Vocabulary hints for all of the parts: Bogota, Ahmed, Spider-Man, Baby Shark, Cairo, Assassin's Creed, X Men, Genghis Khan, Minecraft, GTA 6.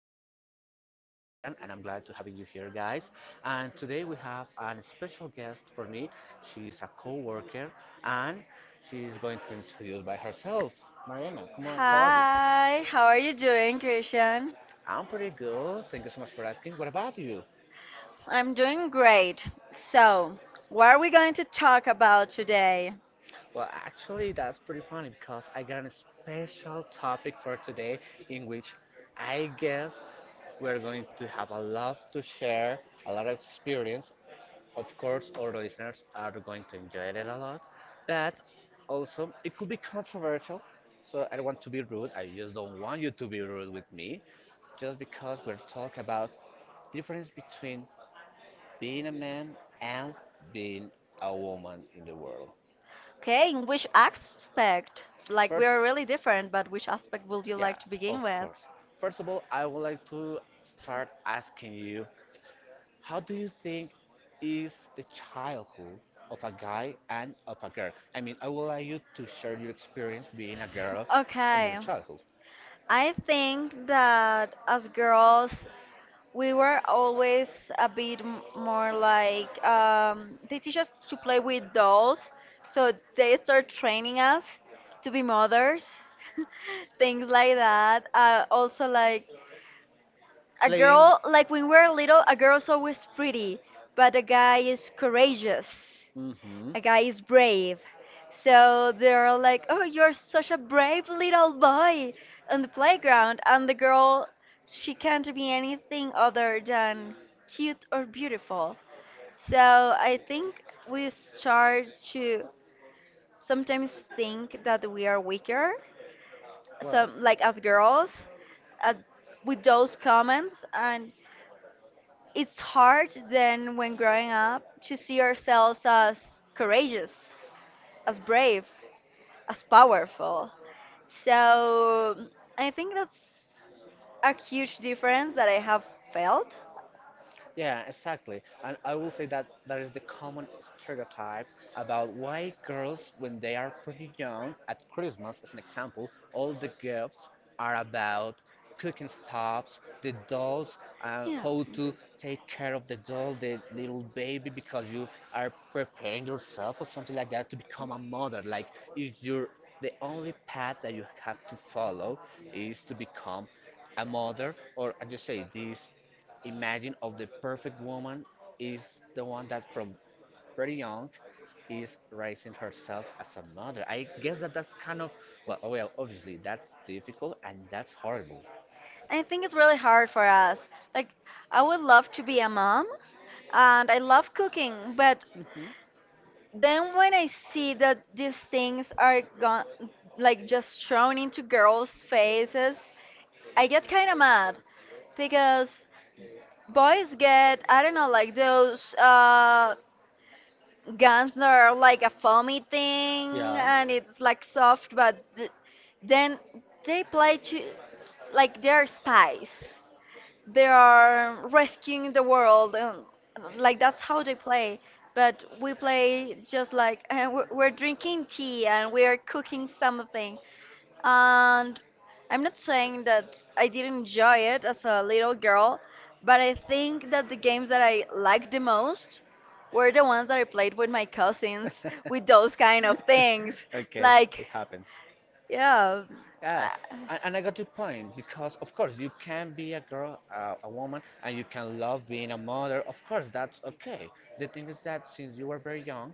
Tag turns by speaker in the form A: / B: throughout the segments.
A: podcast. I'm Christian, and I'm glad to having you here, guys. And today we have an special guest for me. She's a co-worker, and she's going to introduce by herself. Mariana, come on, how are you?
B: Hi, how are you doing, Christian?
A: I'm pretty good. Thank you so much for asking. What about you?
B: I'm doing great. So, what are we going to talk about today?
A: Well, actually, that's pretty funny because I got a special topic for today in which I guess we're going to have a lot to share, a lot of experience. Of course, our listeners are going to enjoy it a lot, but also it could be controversial. So I don't want to be rude. I just don't want you to be rude with me, just because we're talking about difference between being a man and being a woman in the world.
B: Okay, in which aspect? Like, we
A: First,
B: are really different, but which aspect would you
A: yes,
B: like to begin
A: of
B: with?
A: course. First of all, I would like to start asking you, how do you think is the childhood of a guy and of a girl? I mean, I would like you to share your experience being a girl in your
B: Okay,
A: childhood.
B: I think that as girls, we were always more like they teach us to play with dolls, so they start training us to be mothers. Things like that. Also, like a
A: Playing
B: girl, like when we were little, a girl's
A: always
B: always
A: pretty,
B: pretty,
A: but
B: but
A: the
B: a guy
A: guy is
B: is
A: courageous.
B: courageous,
A: Mm-hmm. I
B: a guy
A: got
B: is brave.
A: so
B: So they're
A: they're like
B: like, "Oh, you're such a brave little boy on the playground." And
A: the
B: the
A: girl
B: girl, she
A: she
B: can't be anything other
A: um,
B: than
A: cute.
B: cute or beautiful.
A: So
B: So I
A: I think
B: think
A: we
B: we
A: start
B: start
A: to
B: to
A: sometimes
B: sometimes
A: think.
B: think that we are weaker,
A: Well,
B: some
A: so,
B: like as girls, uh,
A: uh,
B: with those comments, and
A: we, it's
B: it's hard then
A: them
B: when growing up to see ourselves as
A: courageous
B: courageous,
A: as
B: as
A: well.
B: brave, as powerful. So I think that's
A: So I,
B: a
A: I
B: huge difference that I have felt.
A: felt. Yeah, exactly. And I will say that that is the common stereotype about why girls, when they are pretty young, at Christmas, as an example, all the gifts are about cooking stuffs, the dolls, and
B: Yeah.
A: how to take care of the doll, the little baby, because you are preparing yourself or something like that to become a mother. Like, if you're the only path that you have to follow is to become a mother, or as you say, this imagine of the perfect woman is the one that from very young is raising herself as a mother. I guess that that's kind of well, oh, well, obviously that's difficult and that's horrible.
B: I think it's really hard for us. Like, I would love to be a mom and I love cooking, but
A: Mhm.
B: then when I see that these things are gone, like just thrown into girls' faces, I get kind of mad because boys get, I don't know, like those guns that are like a foamy thing and it's like soft, but then they play to, like, their spice, they are rescuing the world, and like that's how they play. But we play just like, we're drinking tea and we are cooking something. And I'm not saying that I didn't
A: Yeah.
B: enjoy it as a little girl, but
A: But
B: I
A: I think
B: think
A: that
B: that the
A: the games
B: games that
A: I
B: I liked
A: liked
B: the
A: the most
B: most
A: were
B: were the
A: the
B: ones that I played with my cousins,
A: ones
B: with
A: with those
B: those kind
A: kind
B: of
A: of
B: things.
A: things. Okay, like,
B: Like,
A: it happens.
B: yeah.
A: Yeah, yeah,
B: uh,
A: and I got your point because, of course, you can be a girl, a woman, and you can love being a mother. Of course, that's okay. The thing is that since you were very young,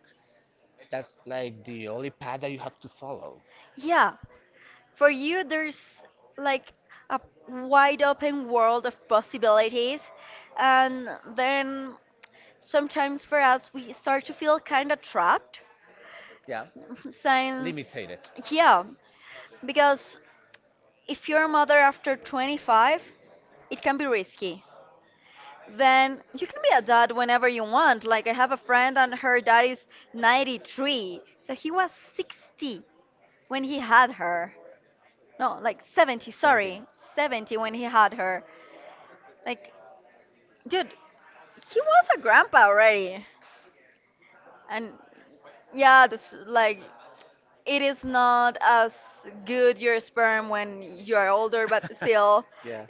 A: that's like the only path that you have to follow.
B: yeah. For
A: For
B: you, there's
A: like
B: like a wide open world of
A: possibilities,
B: possibilities.
A: uh,
B: And then
A: sort,
B: sometimes for us, we start
A: sort
B: to
A: of.
B: feel kind of trapped
A: Yeah, and
B: since,
A: limited. Yeah,
B: yeah,
A: because
B: because if you're a mother after
A: it
B: 25,
A: can be like
B: it can be
A: no,
B: risky.
A: sorry,
B: Then you can be a dad whenever you want. Like, I have a friend and her dad is 93. So he was 60 when he had her. No, like 70,
A: 70
B: sorry. 70
A: when
B: when
A: he
B: he
A: had
B: had
A: her.
B: her.
A: Like,
B: Like,
A: dude,
B: dude, he
A: he
B: was
A: was
B: a grandpa
A: already.
B: already.
A: And
B: And
A: yeah,
B: yeah, this,
A: like,
B: like, it is not as
A: it's good
B: good
A: your
B: your
A: sperm
B: sperm
A: when
B: when you are older,
A: you're
B: but
A: still.
B: still.
A: Yeah.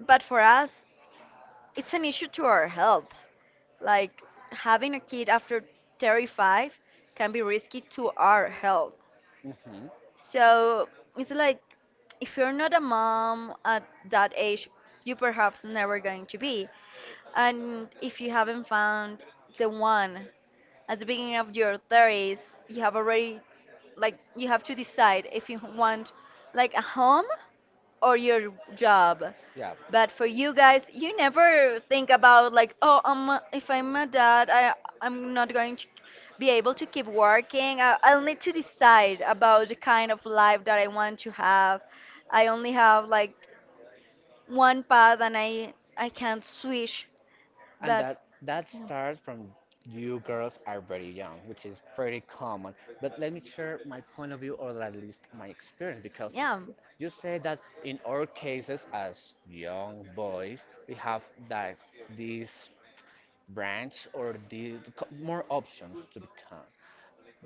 B: But for us,
A: It's
B: it's
A: an
B: an issue to our health.
A: like,
B: Like,
A: have,
B: having a kid after 35 can be risky to our health.
A: Mm-hmm. So
B: So it's like, if you're not a mom at that
A: if you die,
B: age,
A: you
B: you perhaps never going to
A: pay.
B: be.
A: And
B: And if you
A: if
B: haven't found the
A: you
B: one
A: the
B: at
A: at
B: the
A: least,
B: beginning of your 30s, you have
A: you
B: already, like, you have
A: to
B: to
A: decide
B: decide
A: if
B: if
A: you
B: you
A: want
B: want
A: like
B: like a home
A: or
B: or your
A: job.
B: job.
A: Yeah, but
B: But for you guys, you
A: never
B: never think
A: thought
B: about
A: like
B: like,
A: oh
B: oh,
A: if
B: if
A: I'm
B: I'm
A: a
B: a
A: dad
B: dad,
A: i
B: I
A: i'm
B: I'm
A: not
B: not
A: going
B: going to
A: to
B: be
A: be able
B: able
A: to
B: to keep
A: keep working
B: working.
A: i, I
B: I'll
A: don't
B: need
A: need to
B: to
A: decide
B: decide
A: about
B: about the
A: the
B: kind
A: kind
B: of life that I want to have.
A: I
B: I
A: only
B: only have like one
A: want,
B: path and I can't switch,
A: and
B: but
A: that
B: yeah.
A: starts from you girls are very young, which is pretty common. But let me share my point of view, or at least my experience, because
B: Yeah.
A: you say that in our cases as young boys, we have that this branch or more options to become.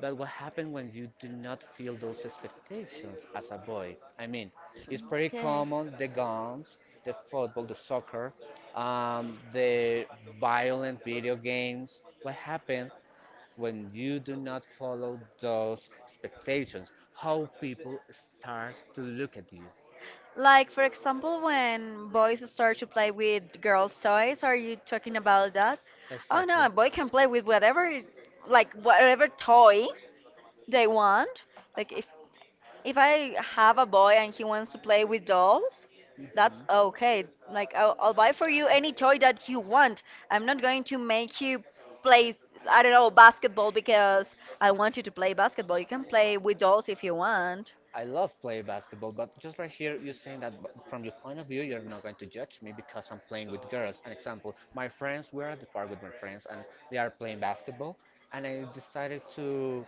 A: But what happens when you do not feel those expectations as a boy? I mean, it's pretty
B: Okay.
A: common the guns, the football, the soccer, the violent video games. What happens when you do not follow those expectations? How people start to look at you.
B: Like, for example, when boys start to play with girls' toys, are you talking about that? Oh
A: Exactly.
B: no, a boy can play with whatever, like whatever toy they want. Like, if I have a boy and he wants to play with dolls, that's okay. Like, I'll buy for you any toy
A: Mhm.
B: that you want. I'm not going to make you play, I don't know, basketball because I
A: I
B: want you to play basketball. You can play with dolls if you want.
A: I love play basketball, but just right here, you're saying that from your point of view, you're not going to judge me because I'm playing with girls. An example, my friends, we're at the park with my friends, and they are playing basketball, and I decided to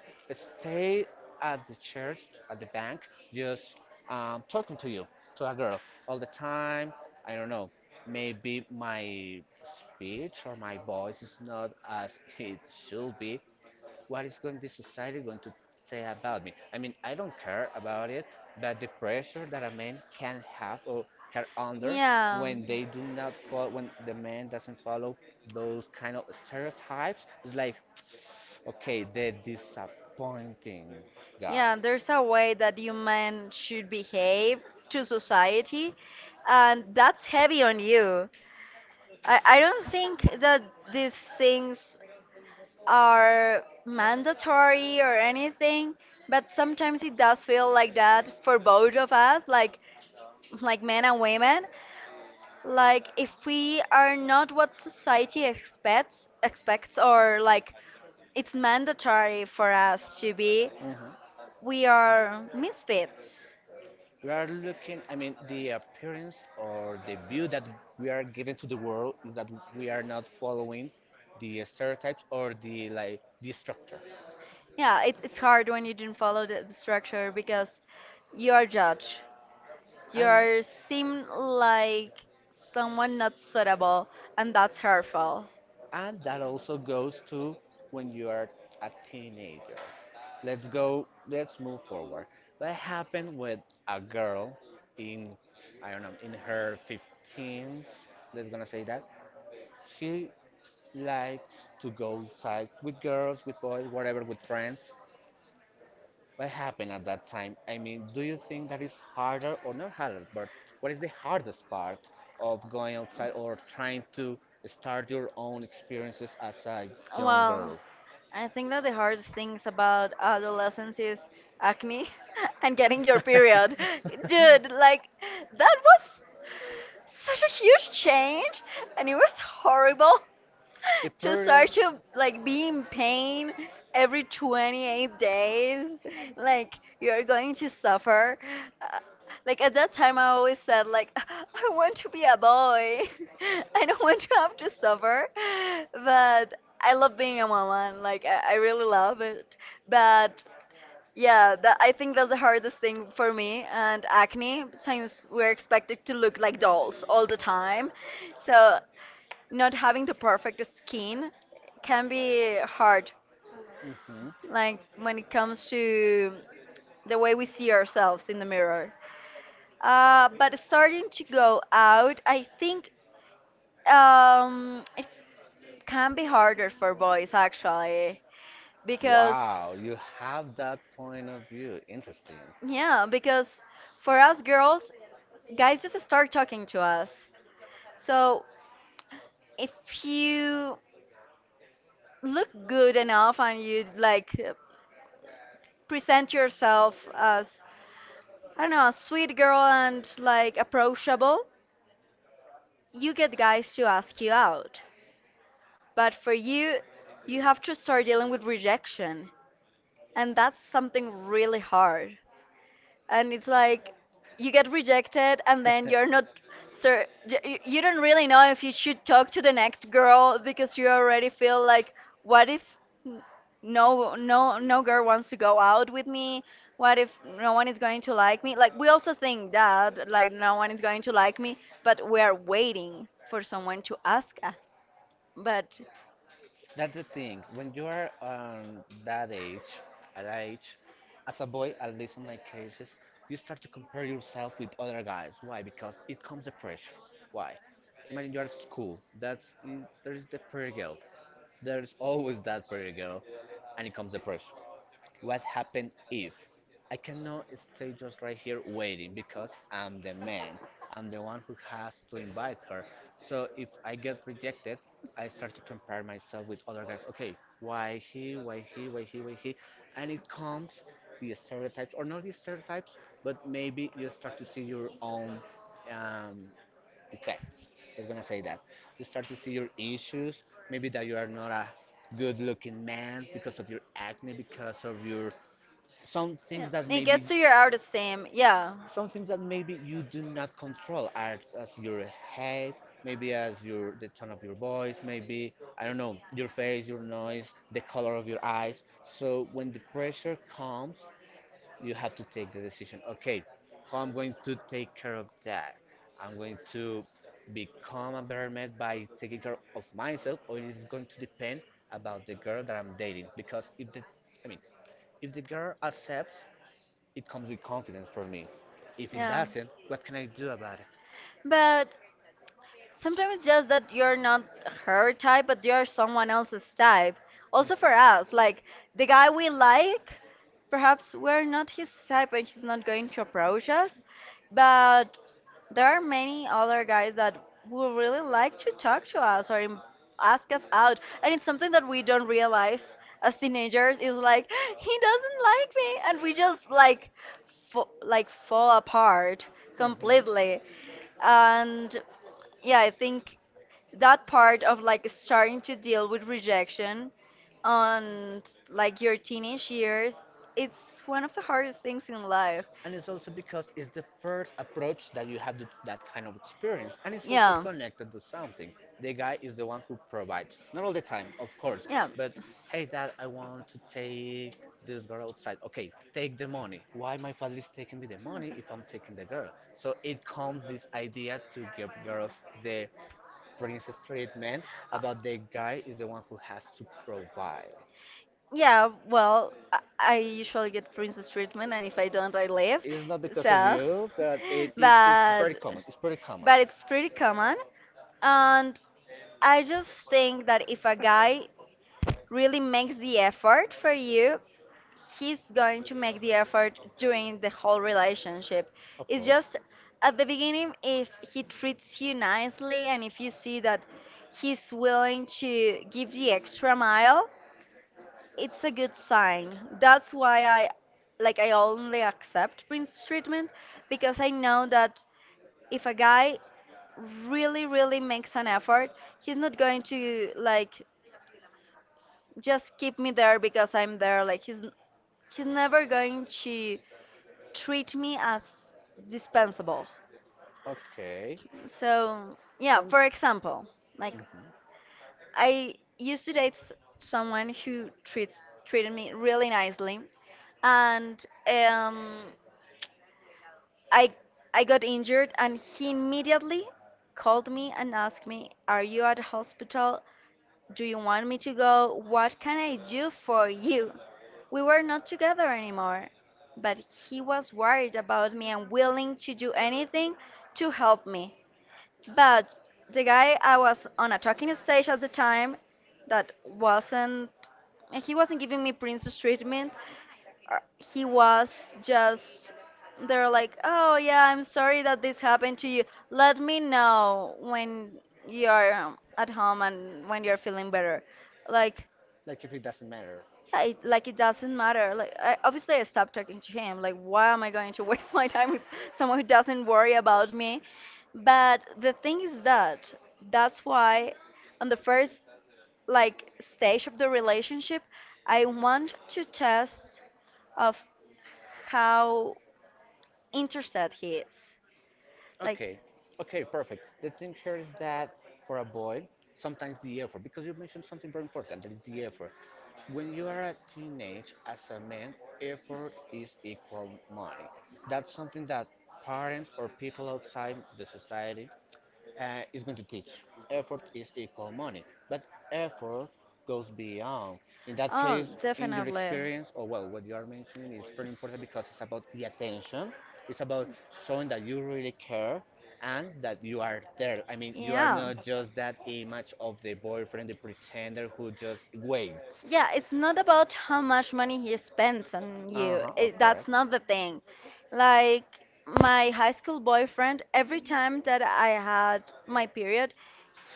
A: stay at the church, at the bank, just talking to you, to a girl, all the time. I don't know, maybe my speech or my voice is not as it should be, what is going the society going to say about me? I mean, I don't care about it, but the pressure that a man can have or can under. Yeah,
B: Yeah.
A: when they do not follow, when the man doesn't follow those kind of stereotypes, it's like, okay, they're disappointing guy.
B: Yeah,
A: Yeah.
B: there's a way that human should
A: It
B: behave to
A: just
B: society,
A: uh,
B: and
A: it's
B: that's
A: heavy.
B: heavy on you. I
A: I,
B: don't think that these
A: these
B: things
A: things
B: are
A: mandatory
B: mandatory
A: or
B: or
A: any,
B: anything,
A: but
B: but sometimes it does feel like that for both of us, like men and women.
A: like
B: Like, if we
A: are
B: are not
A: not what
B: what society
A: society expects
B: expects
A: expects
B: expects
A: or
B: or like it's
A: it's mandatory.
B: mandatory for us to be,
A: Mhm.
B: we
A: We are
B: are
A: misfits.
B: misfits.
A: We are looking, I mean, the appearance or the view that we are giving to the world is that we are not following the stereotypes or the structure.
B: Yeah, it's hard when you didn't follow the
A: Right.
B: structure because you
A: You
B: are judged. You
A: and are,
B: are seem like someone not suitable, and that's hurtful.
A: and that also goes to when you are a teenager. Let's move forward. That happened with a girl in, I don't know, in her 15s, let's gonna say that. She likes to go outside with girls, with boys, whatever, with friends, what happened at that time? I mean, do you think that is harder or not harder? But what is the hardest part of going outside or trying to start your own experiences as a young
B: Well,
A: girl?
B: I think that the hardest things about adolescence
A: This
B: is
A: acne
B: acne and getting your
A: was
B: period. Dude,
A: like
B: like that was such a
A: such
B: huge
A: a change
B: change and
A: and
B: it
A: it was
B: was
A: horrible.
B: horrible.
A: The to
B: To
A: start
B: start
A: period,
B: to
A: to like
B: like
A: be
B: be
A: in
B: in
A: pain
B: pain every
A: every 20
B: 28 days,
A: like
B: like you're
A: you
B: going to suffer. uh, like,
A: like
B: at that time I
A: I
B: always said
A: said like
B: like, I want to be a boy. I
A: I don't
B: don't want to have to suffer,
A: know
B: but I love being a
A: and
B: woman.
A: like
B: Like, I
A: I
B: really
A: really love
B: love
A: it
B: it. But yeah, that, I think that's the hardest thing for me. And acne,
A: sometimes
B: since we're expected to look like
A: goals
B: dolls
A: all
B: all the
A: the time.
B: time,
A: So
B: so not
A: not having
B: having the perfect
A: a team
B: skin can
A: can be
B: be
A: hard.
B: hard,
A: Hmm,
B: like
A: like when
B: when
A: it
B: it
A: comes
B: comes
A: to
B: to the way
A: the
B: we see ourselves in the mirror.
A: uh
B: But starting
A: to
B: to
A: go.
B: go out,
A: I
B: I
A: think
B: think it
A: um it can
B: can
A: be
B: be harder for
A: for both
B: boys actually,
A: because
B: because
A: wow, you have that point of view. Interesting.
B: yeah,
A: Yeah,
B: because
A: for
B: for
A: us
B: us
A: girls,
B: girls,
A: guys
B: guys just
A: are
B: start talking
A: into
B: to
A: us.
B: us.
A: So
B: So if you
A: look
B: look
A: good
B: good enough and you like, present yourself as,
A: as
B: I don't know, a sweet girl and
A: like
B: like
A: approachable.
B: approachable,
A: You
B: you get
A: get guys
B: guys to
A: to
B: ask
A: ask
B: you
A: you out.
B: out. But
A: But
B: for
A: for you,
B: you, you
A: you have
B: have to start dealing with
A: and
B: rejection, and that's something
A: really,
B: really hard. And it's
A: it's like
B: like, you
A: you get
B: get rejected and then you're not sir,
A: sir, you
B: you don't really know if you should talk to the next girl because you already feel
A: feel like
B: like, what if, n-
A: no,
B: no
A: no
B: girl wants to go out with
A: with
B: me,
A: me. What
B: what if
A: if
B: no
A: no
B: one is going to
A: like
B: like me?
A: me? Like,
B: Like, we also think that like no one is going to like me, but
A: but
B: we are waiting for
A: for.
B: someone to ask us But
A: That's the thing. When you are at that age, as a boy, at least in my cases, you start to compare yourself with other guys. Why? Because it comes the pressure. Why? Imagine you're at school. That's. There is the pretty girl. There is always that pretty girl, and it comes the pressure. What happened if? I cannot stay just right here waiting because I'm the man. I'm the one who has to invite her. So if I get rejected, I start to compare myself with other guys. Okay, why he, why he, why he, why he? And it comes the stereotypes, or not the stereotypes, but maybe you start to see your own um, defects. Just gonna say that. You start to see your issues, maybe that you are not a good looking man because of your acne, because of your some
B: yeah,
A: things that
B: it
A: maybe
B: gets to your outer same. Yeah.
A: some things that maybe you do not control are as your head, maybe as your the tone of your voice, maybe I don't know, your face, your noise, the color of your eyes. So when the pressure comes, you have to take the decision, okay, how I'm going to take care of that. I'm going to become a better man by taking care of myself, or it is going to depend about the girl that I'm dating, because if the I mean, if the girl accepts, it comes with confidence for me. If it doesn't, what can I do
B: It?
A: about it?
B: But sometimes it's just that you're not her type, but you're someone else's type. Also for us, like the guy we like, perhaps we're not his type and she's not going to approach us. But there are many other guys that would really like to talk to us or ask us out. And it's something that we don't realize as teenagers is like, he doesn't like me. And we just like, like fall apart
A: Mhm. Completely.
B: completely.
A: And
B: And yeah, I
A: yeah,
B: think that part of like starting to
A: you deal
B: deal
A: with
B: with
A: rejection
B: rejection
A: again on
B: on
A: like
B: like
A: your
B: your
A: teenage
B: teenage
A: years,
B: years,
A: it's
B: it's
A: one
B: one
A: of
B: of the
A: the hardest
B: hardest
A: things
B: things
A: in
B: in
A: life.
B: life.
A: And it's also because it's the first approach that you have to that kind of experience, and it's also, yeah,
B: Yeah.
A: connected to something the guy is the one who provides, not all the time of course, yeah,
B: Yeah.
A: but hey dad, I want to take this girl outside, okay take the money, why my father is taking me the money if I'm taking the girl. So it comes this idea to give girls the brings straight men about the guy is the one who has to
B: Uh,
A: provide.
B: yeah, well, I
A: I
B: usually
A: get
B: get
A: really
B: princess
A: stressful,
B: treatment,
A: and
B: and
A: if
B: if
A: I
B: I
A: don't,
B: don't,
A: I
B: I
A: leave.
B: leave.
A: It's not because
B: So,
A: of, yeah, you, but it's, it's
B: but
A: very common. It's pretty common.
B: but
A: But
B: it's pretty common,
A: um,
B: and I
A: I
B: just think that if a guy really
A: really
B: makes the
A: the effort
B: effort
A: for
B: for
A: you.
B: you,
A: He's
B: he's
A: going
B: going
A: to
B: to
A: make
B: make the
A: the effort
B: effort
A: during
B: during the
A: the
B: whole
A: relationship.
B: relationship.
A: Of
B: It's
A: course. It's just
B: just at the beginning,
A: if
B: if
A: he
B: he
A: treats
B: treats you
A: you nicely,
B: nicely, and if
A: you
B: you
A: see
B: see
A: that
B: that
A: he's
B: he's
A: willing
B: willing
A: to
B: to
A: give
B: give
A: the
B: the
A: extra
B: extra
A: money.
B: mile,
A: It's
B: it's a
A: a good
B: good
A: sign.
B: sign.
A: That's
B: That's
A: why
B: why
A: I,
B: I,
A: like,
B: like,
A: I
B: I
A: only
B: only
A: accept.
B: accept Prince treatment
A: Because
B: because
A: I
B: I
A: know
B: know
A: that
B: that
A: if
B: if
A: I
B: a guy really
A: really
B: really
A: makes
B: makes
A: an
B: an
A: effort,
B: effort,
A: he's
B: he's
A: not
B: not going
A: to
B: to
A: like
B: like just keep me
A: me there.
B: there
A: But
B: because I'm there. Like,
A: he's
B: he's
A: never
B: never
A: going
B: going
A: to
B: to
A: treat
B: treat me as
A: dispensable.
B: dispensable.
A: Okay. So
B: So,
A: yeah,
B: yeah,
A: For.
B: for example, like
A: Mhm. I
B: I used to date someone who
A: it's
B: treats treated
A: treated me
B: me
A: really,
B: really nicely
A: and
B: and
A: um,
B: um, I I got injured and
A: he
B: he
A: immediately
B: immediately
A: told
B: called
A: me,
B: me and asked me,
A: "Are
B: "Are
A: you
B: you
A: at
B: at
A: hospital?
B: hospital? Do
A: Do you
B: you want me
A: need to
B: to
A: go?
B: go?
A: What
B: What
A: can
B: can
A: I
B: I
A: do
B: do
A: for
B: for
A: you?"
B: you?"
A: We
B: We were
A: weren't
B: not
A: together
B: together
A: anymore,
B: anymore,
A: but
B: but he was worried about me and willing
A: willing to
B: to
A: do
B: do
A: anything
B: anything
A: to
B: to
A: help
B: help
A: me.
B: me.
A: But
B: But
A: the
B: the
A: guy
B: guy I
A: was
B: was on
A: on
B: a
A: a talking
B: talking
A: stage
B: stage at
A: at
B: the
A: the time
B: time,
A: that
B: that
A: wasn't
B: wasn't, he wasn't giving
A: giving me
B: me princess
A: treatment,
B: treatment.
A: uh, he
B: He
A: was
B: was
A: just
B: just,
A: there
B: they're
A: like
B: like, "Oh yeah, I'm sorry that this happened to you, let me know
A: when
B: when you're
A: you're at
B: at
A: home,
B: home and when you're
A: you're feeling
B: feeling
A: better.
B: better."
A: Like,
B: Like,
A: Like if it doesn't matter.
B: yeah,
A: Like
B: like it
A: it doesn't
B: doesn't
A: matter.
B: matter. Like,
A: Like, I, I
B: obviously I stopped talking to him. Like, why am I going to
A: waste
B: waste
A: my
B: my
A: time
B: time
A: with
B: with someone
A: someone
B: who
A: who died.
B: doesn't worry about me? But
A: But I
B: the thing
A: think
B: is
A: that
B: that
A: that's
B: that's
A: why
B: why
A: I'm
B: on the first, like, stage of the relationship I want to
A: to
B: test of how interested he is. Like,
A: Okay, okay, perfect. The thing here is that for a boy, sometimes the effort, because you mentioned something very important, that is the effort. When you are a teenage, as a man, effort is equal money. That's something that parents or people outside the society is going to teach. Effort is equal money, but effort goes beyond. In that Oh,
B: oh,
A: case, in your
B: definitely.
A: experience, or well, what you are mentioning is very important because it's about the attention. It's about showing that you really care and that you are there. I mean, you are Yeah,
B: Yeah.
A: not just that image of the boyfriend, the pretender who just waits.
B: Yeah,
A: Yeah.
B: it's not about how
A: How much
B: much money
A: money
B: he
A: he spends
B: spends
A: on
B: on
A: you. Uh
B: you.
A: huh. Oh, that's
B: That's
A: correct. Not
B: not the thing.
A: like
B: Like, my high school
A: boyfriend,
B: boyfriend, every time that
A: that
B: I had
A: my
B: my period,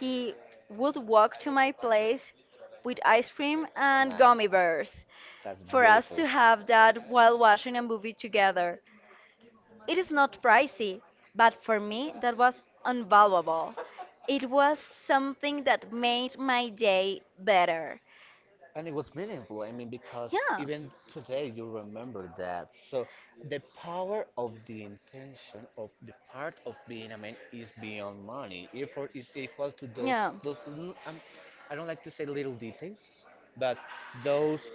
A: he
B: would
A: would walk
B: walk to
A: to
B: my
A: my place
B: place
A: We
B: with ice cream
A: screamed and
B: and
A: Nice.
B: gummy
A: Gummy
B: bears
A: That's for to
B: for us
A: beautiful.
B: to
A: Have
B: have that
A: well
B: while watching a movie
A: weather.
B: together. It is not pricey, but
A: But for
B: for
A: me,
B: me,
A: that
B: that
A: was
B: was
A: unvaluable.
B: invaluable.
A: It
B: It was something that
A: made
B: made
A: my
B: my
A: day
B: day
A: better.
B: better.
A: And it was meaningful. I mean, because
B: Yeah.
A: even today you remember that. So the power of the intention of the part of being a man is beyond money. Effort is equal to those
B: Yeah.
A: those. L- I don't like to say little details, but those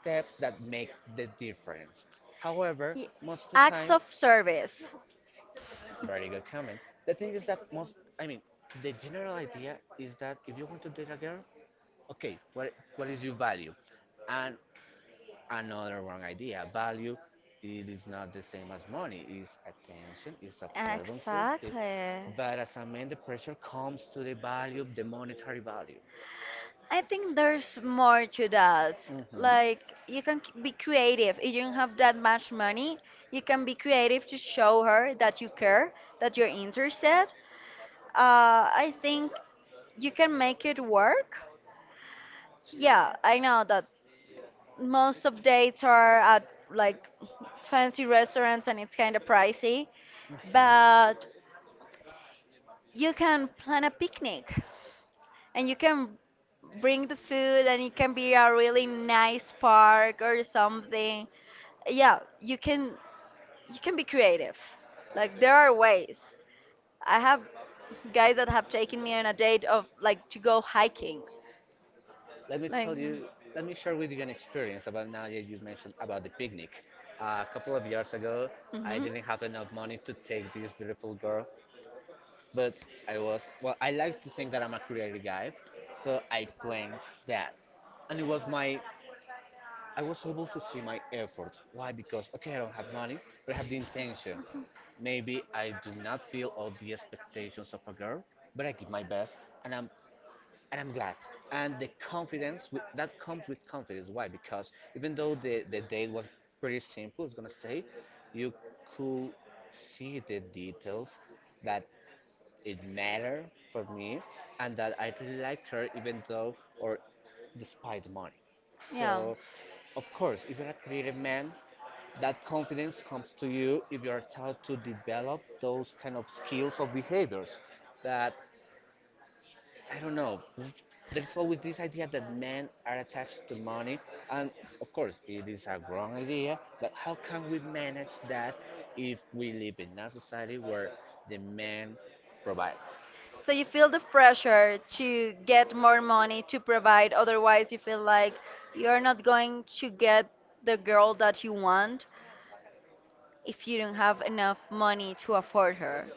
A: steps that make the difference. However,
B: Ye-
A: most of the
B: Acts
A: time,
B: of service.
A: very good comment. The thing is that most. I mean, the general idea is that if you want to date a girl, okay, what is your value? And another wrong idea. Value it is not the same as money. It's attention, it's observances, it's
B: Exactly.
A: but as a man the pressure comes to the value of the monetary value.
B: I think there's more to that.
A: Hmm Like,
B: Like, you
A: you can
B: can be
A: be
B: creative. If you don't have that much money, you can be creative to show her that you care,
A: that
B: that
A: you're
B: you're interested.
A: interested.
B: I
A: I think
B: think you
A: you can
B: can
A: make
B: make it
A: it work.
B: work.
A: Yeah,
B: Yeah, I
A: I know
B: know
A: that.
B: that most of dates are at like fancy restaurants and it's kind of pricey,
A: But, hmm
B: but you can plan a picnic and you
A: and
B: can bring the food
A: food
B: and
A: and
B: it can be a
A: really
B: really
A: nice
B: nice
A: park,
B: park or
A: something.
B: something. Yeah,
A: You
B: you
A: can,
B: can,
A: you
B: you can
A: can
B: be
A: be
B: creative. Like there
A: like,
B: are ways. I have guys
A: yeah,
B: that have taken me on a date of like to go hiking.
A: Let me
B: Like,
A: tell you, let me share with you an experience about now that you mentioned about the picnic. A couple of years ago, I
B: hmm,
A: didn't have enough money to take this beautiful girl, but I was, well, I like to think that I'm a creative guy, so I planned that. And it was my, I was able to see my effort. Why? Because, okay, I don't have money, but I have the intention. Maybe I do not feel all the expectations of a girl, but I give my best, and I'm and I'm glad. And the confidence with, that comes with confidence. Why? Because even though the date was pretty simple, it's gonna say, you could see the details that it mattered for me, and that I really liked her, even though or despite the money.
B: yeah.
A: So of course, if you're a creative man, that confidence comes to you if you are taught to develop those kind of skills or behaviors that I don't know. There's always this idea that men are attached to money, and of course, it is a wrong idea, but how can we manage that if we live in a society where the man provides?
B: So
A: So
B: you
A: you
B: feel
A: feel
B: the
A: the pressure
B: pressure
A: to
B: to
A: get
B: get more
A: more
B: money
A: money to
B: to provide,
A: provide, otherwise
B: otherwise, you
A: you
B: feel
A: feel
B: like
A: like
B: you're
A: you're not
B: not
A: going
B: going
A: to
B: to get
A: get
B: the
A: the
B: girl
A: girl that
B: that you
A: you want
B: want if
A: if
B: you
A: you
B: don't
A: don't have
B: have enough
A: enough money
B: money
A: to
B: to
A: afford
B: afford
A: her.
B: her.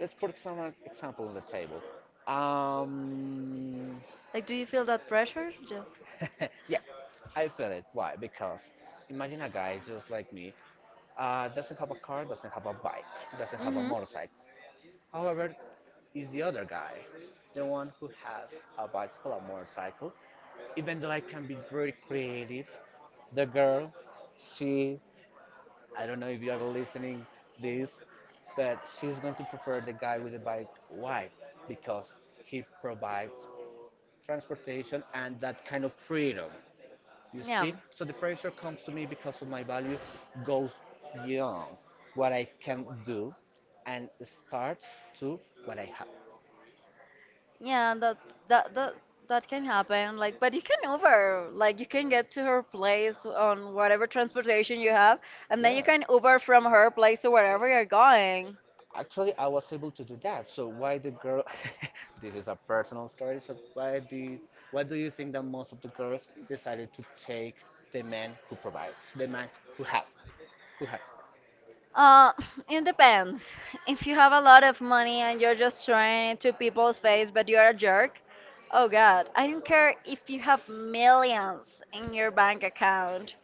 A: Let's put some example on the table. Um,
B: Like, do you feel that pressure? Just.
A: yeah, I feel it. Why? Because imagine a guy just like me doesn't have a car, doesn't have a bike, doesn't have a
B: Hmm.
A: motorcycle. However, is the other guy, the one who has a bicycle, a motorcycle. Even though I can be very creative, the girl, she, I don't know if you are listening this, but she's going to prefer the guy with the bike. Why? Because he provides transportation and that kind of freedom. You
B: Yeah.
A: see? So the pressure comes to me because of my value goes beyond what I can do and starts to what I have.
B: Yeah,
A: Yeah, that's
B: that's
A: that
B: that that
A: that
B: that
A: can
B: can
A: happen.
B: happen. Like, but you
A: It
B: can
A: can over.
B: Uber.
A: Like
B: Like, you
A: you can
B: can
A: get
B: get
A: to
B: to
A: her
B: her
A: place
B: place
A: on
B: on
A: whatever
B: whatever transportation you
A: you
B: have,
A: have, and
B: and then
A: then
B: you
A: you Yeah. can
B: can Uber
A: Uber
B: from
A: from
B: her
A: her place
B: place
A: to
B: to wherever
A: wherever
B: you're
A: you're going.
B: going.
A: Actually, I was able to do that. So why the girl? This is a personal story. So why the? Why do you think that most of the girls decided to take the man who provides, the man who has, who has? Um,
B: Uh, it depends.
A: if
B: If
A: you
B: you have
A: have
B: a
A: a lot
B: lot
A: of
B: of money
A: money
B: and
A: and
B: you're
A: you're
B: just
A: just
B: throwing
A: trying
B: it to
A: to
B: people's
A: people's
B: face,
A: face,
B: but
A: but
B: you're
A: you're
B: a
A: a jerk,
B: jerk, oh
A: oh
B: God,
A: God,
B: I
A: I don't
B: don't care
A: care.
B: if you have millions in your bank account.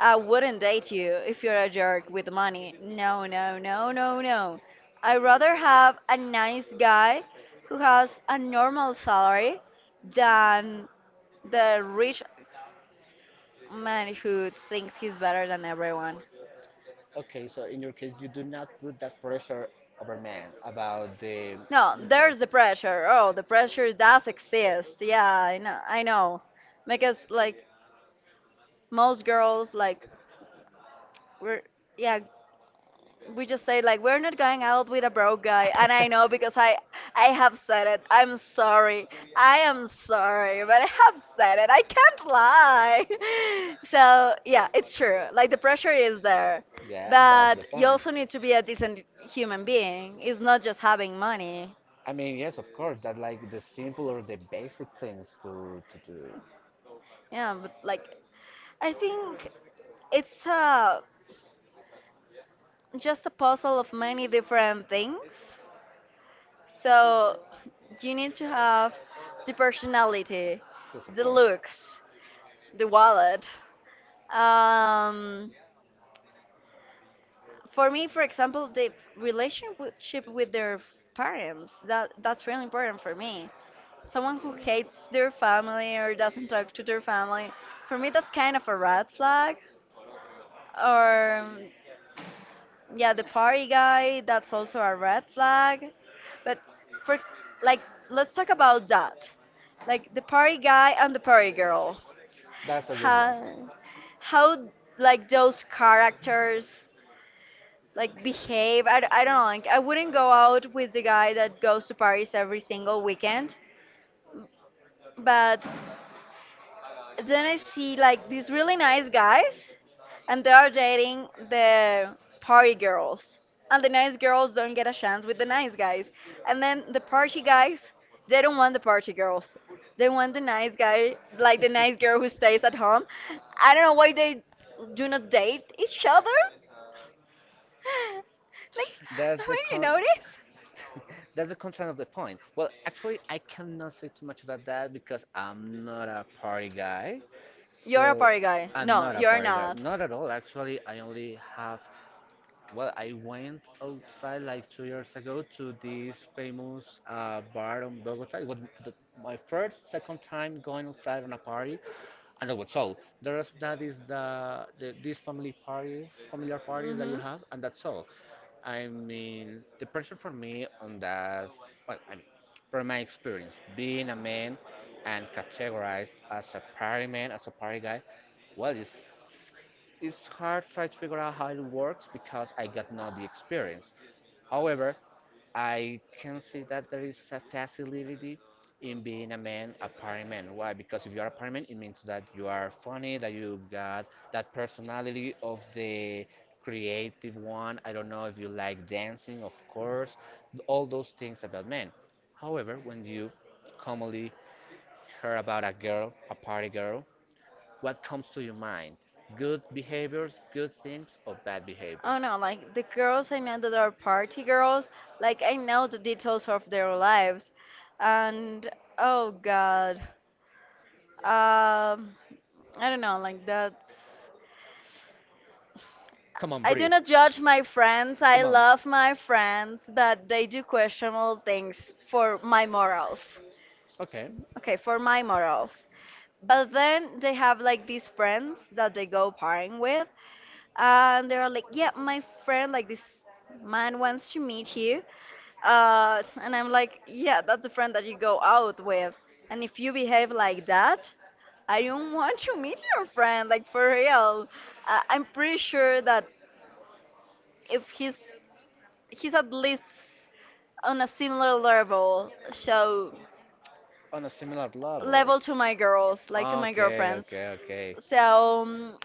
B: I wouldn't date you if you're a jerk with money. No, no, no, no,
A: Um,
B: no. I'd rather have a nice
A: this guy
B: guy who
A: has
B: has
A: a
B: a
A: normal
B: normal
A: salary
B: salary
A: than
B: than
A: the
B: the
A: rich
B: rich
A: man
B: man
A: who
B: who
A: thinks
B: thinks he's
A: he's better
B: better
A: than
B: than everyone.
A: everyone. Okay, so in your case, you do not put that pressure over men about the. No,
B: No,
A: mm,
B: there's
A: there's
B: the pressure.
A: pressure.
B: Oh,
A: Oh,
B: the
A: the
B: pressure
A: f-
B: does
A: this.
B: exist.
A: Yeah,
B: Yeah, I
A: I know.
B: know. I
A: I know.
B: know.
A: Because
B: Because
A: like
B: like most
A: most girls,
B: girls
A: like
B: like
A: we're,
B: we're
A: yeah,
B: yeah,
A: we
B: we
A: just
B: just say
A: say
B: like
A: like
B: we're
A: we're not
B: not
A: going
B: going out
A: out
B: with
A: with
B: a
A: a
B: broke
A: broke guy,
B: guy,
A: and
B: and
A: I
B: I know because I have
A: said
B: said
A: it.
B: it. I'm sorry,
A: Like,
B: I
A: I'm
B: am
A: sorry,
B: sorry,
A: but
B: but I
A: I have
B: have
A: said
B: said it.
A: it.
B: I
A: I can't.
B: can't lie. So
A: So
B: yeah, it's true, like the pressure
A: is
B: is
A: there.
B: there,
A: Yeah, that's But
B: but
A: the you
B: you
A: point.
B: also
A: Also
B: need
A: need
B: to
A: to
B: be
A: be
B: a
A: a decent
B: decent
A: human
B: human
A: being.
B: being. It's
A: It's
B: not
A: not
B: just
A: just
B: having money.
A: I mean, yes, of course, that like the simple or the basic things to do.
B: Yeah,
A: Yeah,
B: but
A: like
B: like I think it's
A: it's
B: just a puzzle of
A: many
B: many
A: different
B: different
A: things.
B: things.
A: So
B: So you
A: you
B: need
A: need to,
B: to have the
A: the personality,
B: personality,
A: Yes, of the
B: the
A: course. Looks,
B: looks,
A: the
B: the
A: wallet.
B: wallet.
A: Um,
B: Um,
A: for
B: for me,
A: me,
B: for example,
A: the
B: the
A: relationship
B: relationship
A: with
B: with
A: their
B: their
A: aquariums.
B: parents,
A: That
B: that
A: that's
B: that's really
A: really important
B: important
A: for
B: for
A: me.
B: me.
A: Someone
B: Someone who
A: who hates
B: hates
A: their
B: their
A: family
B: family
A: or
B: or doesn't
A: doesn't talk
B: talk
A: to
B: to their
A: their family,
B: family,
A: for
B: for
A: me
B: me
A: that's
B: that's kind
A: kind of
B: of a
A: a red.
B: red flag.
A: Or
B: Or yeah,
A: yeah,
B: the
A: the party
B: party guy,
A: guy, that's
B: that's also
A: also
B: a
A: a red
B: red
A: flag.
B: flag.
A: But
B: But for ex-
A: first, like
B: like,
A: let's
B: let's talk about that.
A: like
B: Like the party
A: party
B: guy
A: guy
B: and
A: and
B: the
A: the
B: party
A: party girl
B: girl.
A: That's a good one.
B: How
A: Have
B: how
A: like
B: like those characters like behave. I don't know. Like I wouldn't go out with the guy that goes to parties every single weekend, but
A: but
B: then I
A: then
B: see
A: like
B: like
A: this
B: these really
A: really
B: nice guys, and
A: and
B: they are dating the
A: the
B: party
A: party
B: girls,
A: girls
B: and the nice girls don't get a chance with the nice guys, and
A: and
B: then the party guys, they don't want the party girls, they
A: they want
B: want the nice guy, like the
A: like
B: nice girl who stays at home. I don't know why they do not date each other. Like, haven't
A: That's the
B: you
A: con.
B: noticed?
A: That's the concern of the point. Well, actually, I cannot say too much about that because I'm not a party guy. You're
B: You're
A: a
B: a
A: So party
B: party guy.
A: guy. I'm No,
B: No,
A: not a you're
B: you're
A: party guy. Not
B: not.
A: Not at all. Actually, I only have. Well, I went outside like 2 years ago to this famous bar in Bogota. It was the, my first, second time going outside on a party, I know what. So there's that is the these family parties, familiar parties that you
B: Mhm.
A: have, and that's all. I mean, the pressure for me on that. Well, I mean, from my experience, being a man and categorized as a party man, as a party guy, well, it's hard to try to figure out how it works because I got not the experience. However, I can see that there is a facility in being a man, a party man. Why? Because if you are a party man, it means that you are funny, that you got that personality of the creative one. I don't know if you like dancing, of course, all those things about men. However, when you commonly hear about a girl, a party girl, what comes to your mind? Good behaviors, good things, or bad behaviors?
B: Oh no, like the girls I know that are party
A: Girls,
B: girls,
A: like
B: like I
A: I know
B: know the
A: the details
B: details
A: of
B: of
A: their
B: their
A: lives.
B: lives. And
A: Oh
B: oh
A: God,
B: God.
A: uh,
B: Um I
A: I
B: don't
A: don't know.
B: know,
A: Like
B: like
A: that,
B: that's
A: Come on, I
B: I do please
A: breathe.
B: not
A: Cannot
B: judge my friends.
A: say
B: I
A: Come I on. Love
B: love my friends, but they do questionable things for my morals.
A: Okay.
B: Okay, for my morals. But then they have like
A: these
B: these
A: friends
B: friends that they go partying
A: with
B: with, and they're like, "Yeah,
A: my
B: my friend,
A: friends.
B: like this
A: My
B: man wants to
A: meet
B: meet
A: here,
B: you," and I'm like, "Yeah, that's the friend that
A: and you
B: you
A: go,
B: go out with, and if
A: and
B: you behave like
A: if
B: that, I
A: I don't
B: don't want
A: you
B: to
A: meet
B: meet
A: her.
B: your friend, like for real."
A: Uh,
B: I'm pretty sure that
A: If
B: if
A: he's
B: he's he's at
A: at least
B: least on a similar
A: similar level,
B: level,
A: so
B: so
A: On a similar level. Level
B: level to
A: to my
B: my
A: girls,
B: girls,
A: like to
B: like to
A: my
B: my
A: Okay, girlfriends.
B: girlfriends.
A: Okay, okay.
B: So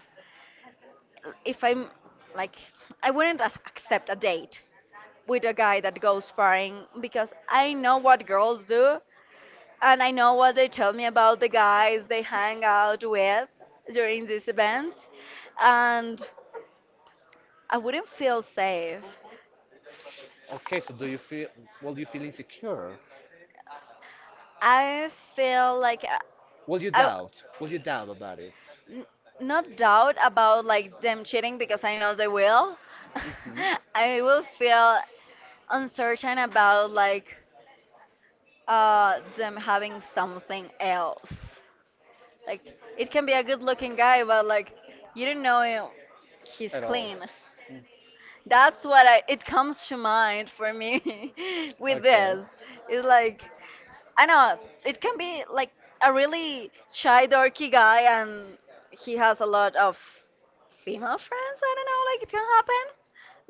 A: if
B: if
A: I
B: I'm
A: like
B: like, I wouldn't accept
A: accept
B: a
A: a date
B: date with
A: with
B: a
A: a
B: guy that goes
A: date
B: faring
A: because
B: because I
A: I
B: know
A: know what
B: what
A: to
B: girls
A: do
B: do
A: and
B: and I know what they tell me about the guys
A: they
B: they hang
A: hang
B: out with during
A: during the
B: these
A: dance
B: events,
A: and
B: and I
A: I
B: wouldn't
A: wouldn't
B: feel
A: feel safe.
B: safe.
A: Okay, so do you feel, will you feel insecure? I
B: I feel
A: feel like
B: like
A: Will you
B: I
A: doubt? Will you doubt about it?
B: n-
A: Not
B: not doubt
A: doubt
B: about
A: about like
B: like
A: them
B: them
A: cheating
B: cheating
A: because
B: because I know they
A: they will.
B: will.
A: Hmm I
B: I will
A: feel
B: feel uncertain
A: uncertain
B: about like
A: them
B: them
A: having
B: having
A: something
B: something
A: else.
B: else.
A: Like
B: Like it
A: it can
B: can be a
A: look
B: good-looking guy,
A: guy
B: but like you don't know him. He's
A: at all.
B: clean.
A: Mm.
B: That's what I, it comes to mind for me with
A: Okay.
B: this. It's
A: like
B: like
A: I
B: I know it
A: know
B: can be like a really
A: a shy
B: shy, dorky
A: guy
B: guy,
A: and
B: and he
A: he has
B: has a
A: a lot
B: lot
A: of
B: of female
A: female
B: friends.
A: friends. I
B: I
A: don't
B: don't
A: know
B: know, like
A: like
B: it
A: it
B: can happen.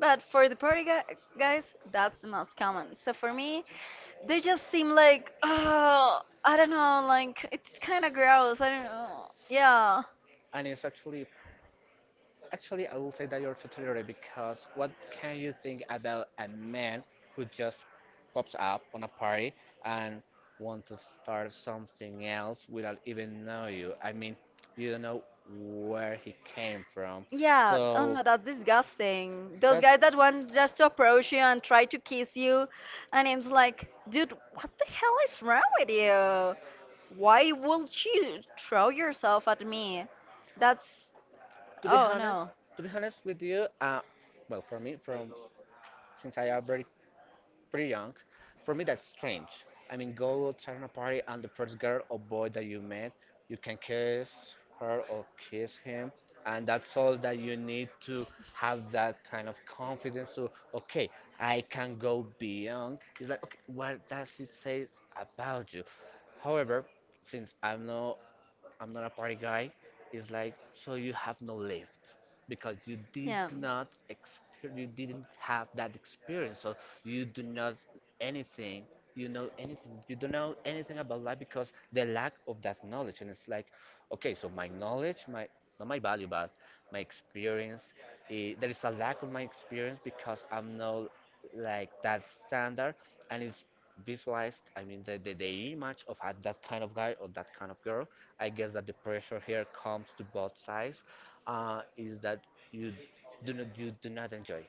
B: But
A: but for
B: for the
A: the party guys,
B: guys,
A: that's
B: that's the
A: what's
B: most
A: common.
B: common. So
A: So for
B: for
A: me,
B: me, they
A: this
B: just seem like, oh,
A: girl,
B: I don't
A: no,
B: know,
A: like
B: like it's kind
A: kind of
B: of
A: gross.
B: gross.
A: I
B: I don't know.
A: don't
B: Yeah.
A: Yeah. And it's actually Actually, I will say that you're totally right because what can you think about a man who just pops up on a party and want to start something else without even know you? I mean, you don't know where he came from. Yeah, no,
B: Yeah, oh
A: So
B: no,
A: no,
B: that's disgusting. Those guys that
A: that's
B: want just to approach you and try to kiss you, and it's
A: like,
B: like, dude, what the hell is wrong with you?
A: no
B: Why would you throw yourself at me? That's,
A: to be
B: oh
A: honest,
B: no,
A: to be honest with you, well, for me, from since I already pretty young. For me, that's strange. I mean, go to a party and the first girl or boy that you met, you can kiss her or kiss him, and that's all that you need to have that kind of confidence to, okay, I can go beyond. It's like, okay, what does it say about you? However, since I'm not a party guy. It's like so you have no lift because you did
B: yeah,
A: not you didn't have that experience. So you do not anything. You know anything. You don't know anything about life because the lack of that knowledge. And it's like, okay, so my knowledge, my not my value, but my experience. There is a lack of my experience because I'm not like that standard, and it's visualized. I mean, the image of that kind of guy or that kind of girl. I guess that the pressure here comes to both sides, is that you you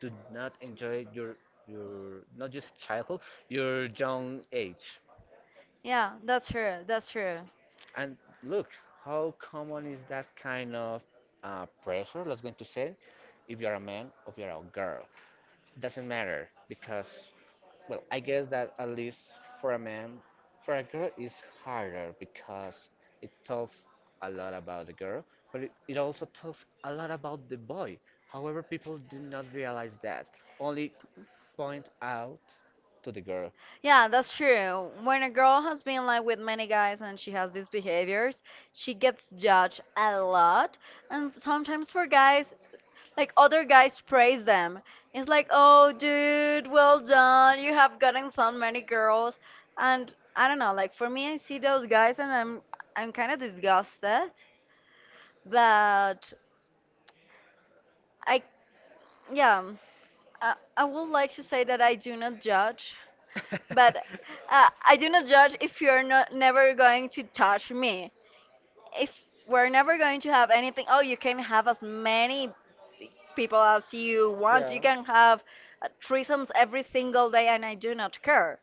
A: do not enjoy your not just childhood, your young age. True.
B: that's true.
A: And look how common is that kind of pressure, let's going to say, if you're a man or if you're a girl, doesn't matter because, well, I guess that at least for a man, for a girl is harder because it talks a lot about the girl, but it also talks a lot about the boy. However, people do not realize that, only point out to the girl.
B: Yeah, that's true. When a girl has been like with many guys and she has these behaviors, she gets
A: Judge
B: judged a
A: a lot.
B: lot.
A: And
B: And sometimes for
A: for guys,
B: guys,
A: like
B: like
A: other
B: other
A: guys
B: guys
A: praise,
B: praise them. It's
A: it's
B: like,
A: like
B: oh, dude, well
A: John
B: done. You have gotten
A: gotten
B: so
A: some.
B: many girls.
A: And
B: And I
A: I don't
B: don't
A: know,
B: know,
A: like
B: like
A: for
B: for me,
A: me,
B: I
A: it's
B: see those guys and I'm kind of
A: gossip.
B: disgusted. But I, yeah,
A: I
B: I would
A: would
B: like to
A: say
B: say
A: that
B: that I
A: I
B: do not
A: judge,
B: judge,
A: but
B: but I do not judge if you're not never going to touch
A: to me,
B: me.
A: if
B: If
A: we're
B: we're
A: not
B: never going to have anything, oh, you can have
A: as
B: as
A: many
B: many
A: people
B: people
A: as
B: as
A: you
B: you want.
A: want, you. Yeah.
B: You
A: Can
B: can have threesomes every
A: single
B: single
A: day
B: day,
A: and
B: and I
A: I
B: do
A: don't
B: not
A: care
B: care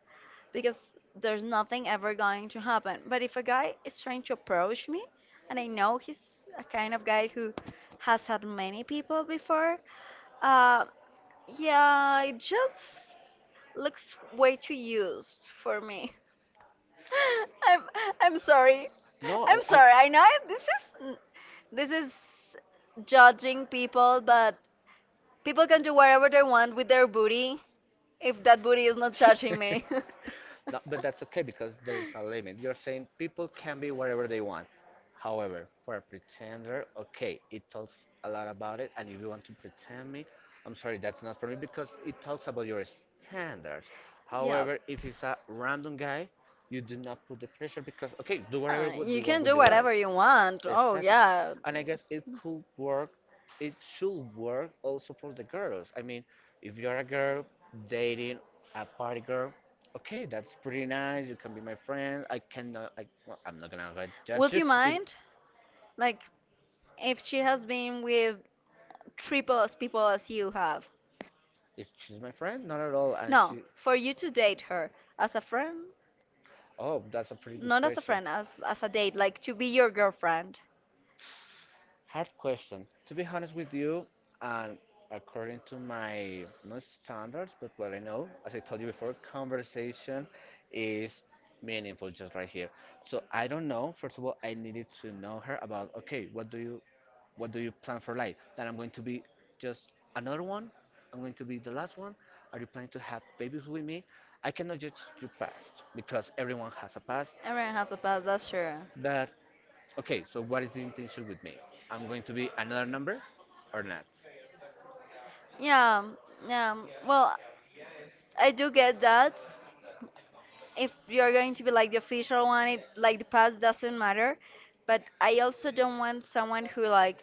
A: because
B: because
A: that's
B: there's nothing ever going to happen. But if a guy is trying to approach me,
A: true. And
B: and
A: I
B: I
A: know
B: know he's a
A: a kind
B: kind
A: of
B: of
A: guy
B: guy
A: who
B: who
A: has,
B: has had many people before,
A: uh
B: uh, yeah,
A: yeah, it
B: it just
A: just looks
B: looks way
A: way
B: too
A: too
B: used
A: for
B: for
A: me.
B: me.
A: I'm
B: I'm I'm
A: sorry.
B: sorry.
A: No, I'm
B: I'm
A: sorry.
B: sorry. This is
A: Judging
B: judging
A: people.
B: people, but people can do whatever
A: What they
B: they want
A: want
B: with
A: with
B: their
A: their booty
B: booty
A: if
B: if
A: that
B: that
A: booty
B: booty
A: is
B: is
A: not
B: not
A: touching
B: touching
A: me.
B: me.
A: No, but that's okay because there is a limit. You're saying people can be whatever they want. However, for a pretender, okay, it talks a lot about it. And if you want to pretend me, I'm sorry, that's not for me because it talks about your standards.
B: Yeah.
A: However, if it's a random guy, you do not put the pressure because okay, do whatever what
B: You
A: you want
B: can
A: with
B: do
A: your life.
B: whatever you
A: Oh.
B: want. Oh
A: Exactly. Yeah.
B: yeah.
A: And I guess it could work, it should work also for the girls. I mean, if you're a girl dating a party girl, okay, that's pretty nice. You can be my friend. I cannot, well, I'm not gonna like, judge Would
B: Would
A: you.
B: you
A: you. If, mind,
B: mind?
A: like,
B: Like
A: if
B: if
A: she
B: she
A: has
B: has
A: been
B: been
A: with
B: with
A: triple
B: triple
A: as
B: as
A: people
B: people
A: as
B: as
A: you
B: you
A: have?
B: have.
A: If she's my friend, not at all. And no,
B: No,
A: she, for
B: for
A: you
B: you
A: to
B: to date
A: date her
B: her
A: as
B: as a
A: a friend,
B: friend,
A: oh, that's a pretty good not as
B: not
A: a
B: as a
A: question.
B: friend,
A: Friend,
B: as
A: as,
B: a
A: as a date,
B: date,
A: like
B: like
A: to
B: to be
A: be
B: your
A: your girlfriend.
B: girlfriend.
A: Hard question. To be honest with you, and according to my not standards, but what I know, as I told you before, conversation is meaningful just right here. So I don't know. First of all, I needed to know her about okay, what do you plan for life? That I'm going to be just another one. I'm going to be the last one. Are you planning to have babies with me? I cannot judge your past because everyone has a past.
B: Everyone has a past, that's true.
A: But okay, so what is the intention with me? I'm going to be another number or not? Yeah.
B: Yeah, yeah. Well,
A: Well,
B: I do get that.
A: if
B: If you're going to be like the official one, it like the past doesn't matter. But I also don't want
A: someone
B: someone who
A: who like
B: like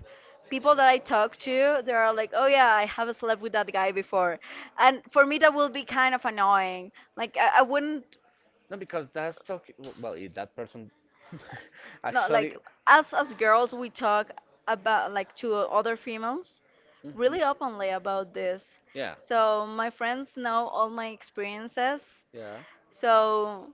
A: people,
B: people that I talk to, they
A: there
B: are
A: are
B: like,
A: like
B: oh yeah, I have slept with that guy before,
A: I
B: and for me that will be kind of annoying. Like I wouldn't
A: no, because that's talking. Well, if that person no, like
B: No,
A: actually.
B: like
A: As
B: as
A: girls,
B: girls, we talk about like to other
A: females,
B: females
A: mhm,
B: really
A: really.
B: openly about this.
A: Yeah, so
B: So my
A: my friends
B: friends know
A: know
B: all
A: all
B: my
A: my experience,
B: experiences.
A: yeah. So
B: So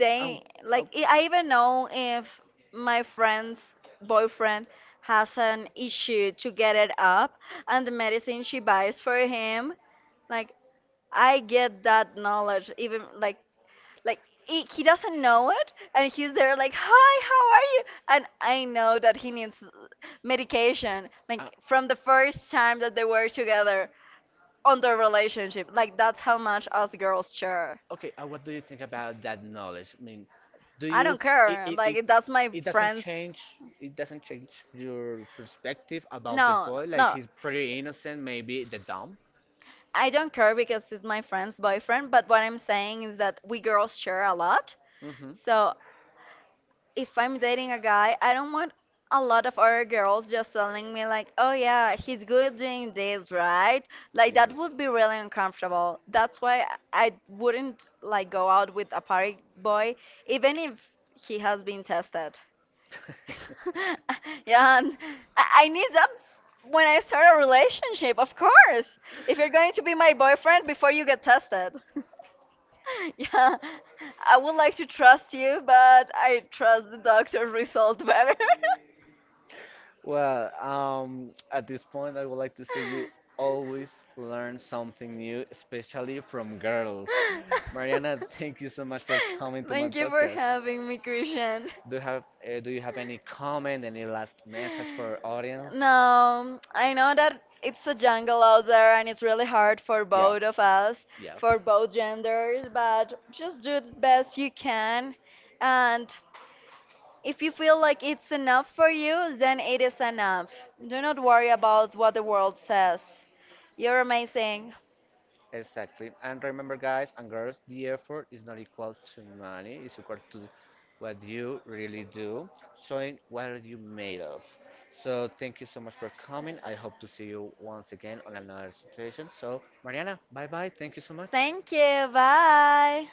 A: they and, like
B: like I
A: even
B: I even know
A: if
B: if my friend's boyfriend has
A: person
B: an issue
A: to
B: to
A: get
B: get
A: it,
B: it up
A: I
B: and the
A: made it
B: medicine she buys
A: for
B: for him.
A: him, like
B: Like I get that knowledge even
A: like
B: like he doesn't know it and he's there like hi, how are you, and I
A: I know.
B: know that he needs
A: Dedication.
B: medication
A: Like
B: like from
A: from
B: the
A: the first
B: first
A: time
B: time
A: that
B: that
A: they
B: they
A: were
B: were together
A: together
B: on
A: on
B: their
A: their relationship.
B: relationship. Like that's how much us girls share.
A: Okay, what do you think about that knowledge? I mean, do I
B: I
A: you
B: don't
A: don't care. it
B: care,
A: it, like it,
B: like
A: it
B: that's
A: doesn't my
B: my
A: it doesn't friends.
B: friends.
A: Change it doesn't change your perspective no about the no
B: No,
A: boy? No. Like
B: no,
A: he's pretty innocent, maybe the dumb.
B: I don't care because he's
A: It's my
B: my
A: friends.
B: friend's boyfriend, but what I'm saying is that we girls share a lot.
A: Mm-hmm. So
B: So
A: if
B: if
A: I'm
B: I'm
A: dating,
B: dating a guy, I don't want a lot of other girls just
A: telling
B: telling
A: me
B: me
A: like,
B: like, "Oh yeah, he's good doing this, right?" Like that would be really uncomfortable. That's why I wouldn't like go out with a party boy, even if he has been tested. Yeah, and I need that
A: what
B: when I start a relationship, of course.
A: if
B: If
A: it-
B: you're going to be my boyfriend before you get tested. Yeah,
A: I
B: I would
A: was
B: like to trust you,
A: you.
B: but I trust the doctor's result better.
A: Well, at this point, I would like to say you always learn something new, especially from girls. Mariana, thank you so much for coming to my
B: Thank you for
A: podcast.
B: having me, Christian.
A: Do you have any comment, any last message for our audience?
B: No, I know that it's a jungle out there and it's really hard for
A: Yeah,
B: both of us,
A: yeah.
B: for both genders, but just do the best you can and if you feel like it's enough for you, then it is enough. Do not worry about what the world says. You're amazing.
A: Exactly. And remember, guys and girls, the effort is not equal to money, it's equal to what you really do, showing what are you made of. So, thank you so much for coming. I hope to see you once again on another situation. So, Mariana, bye bye. Thank you so much.
B: Thank you. Bye.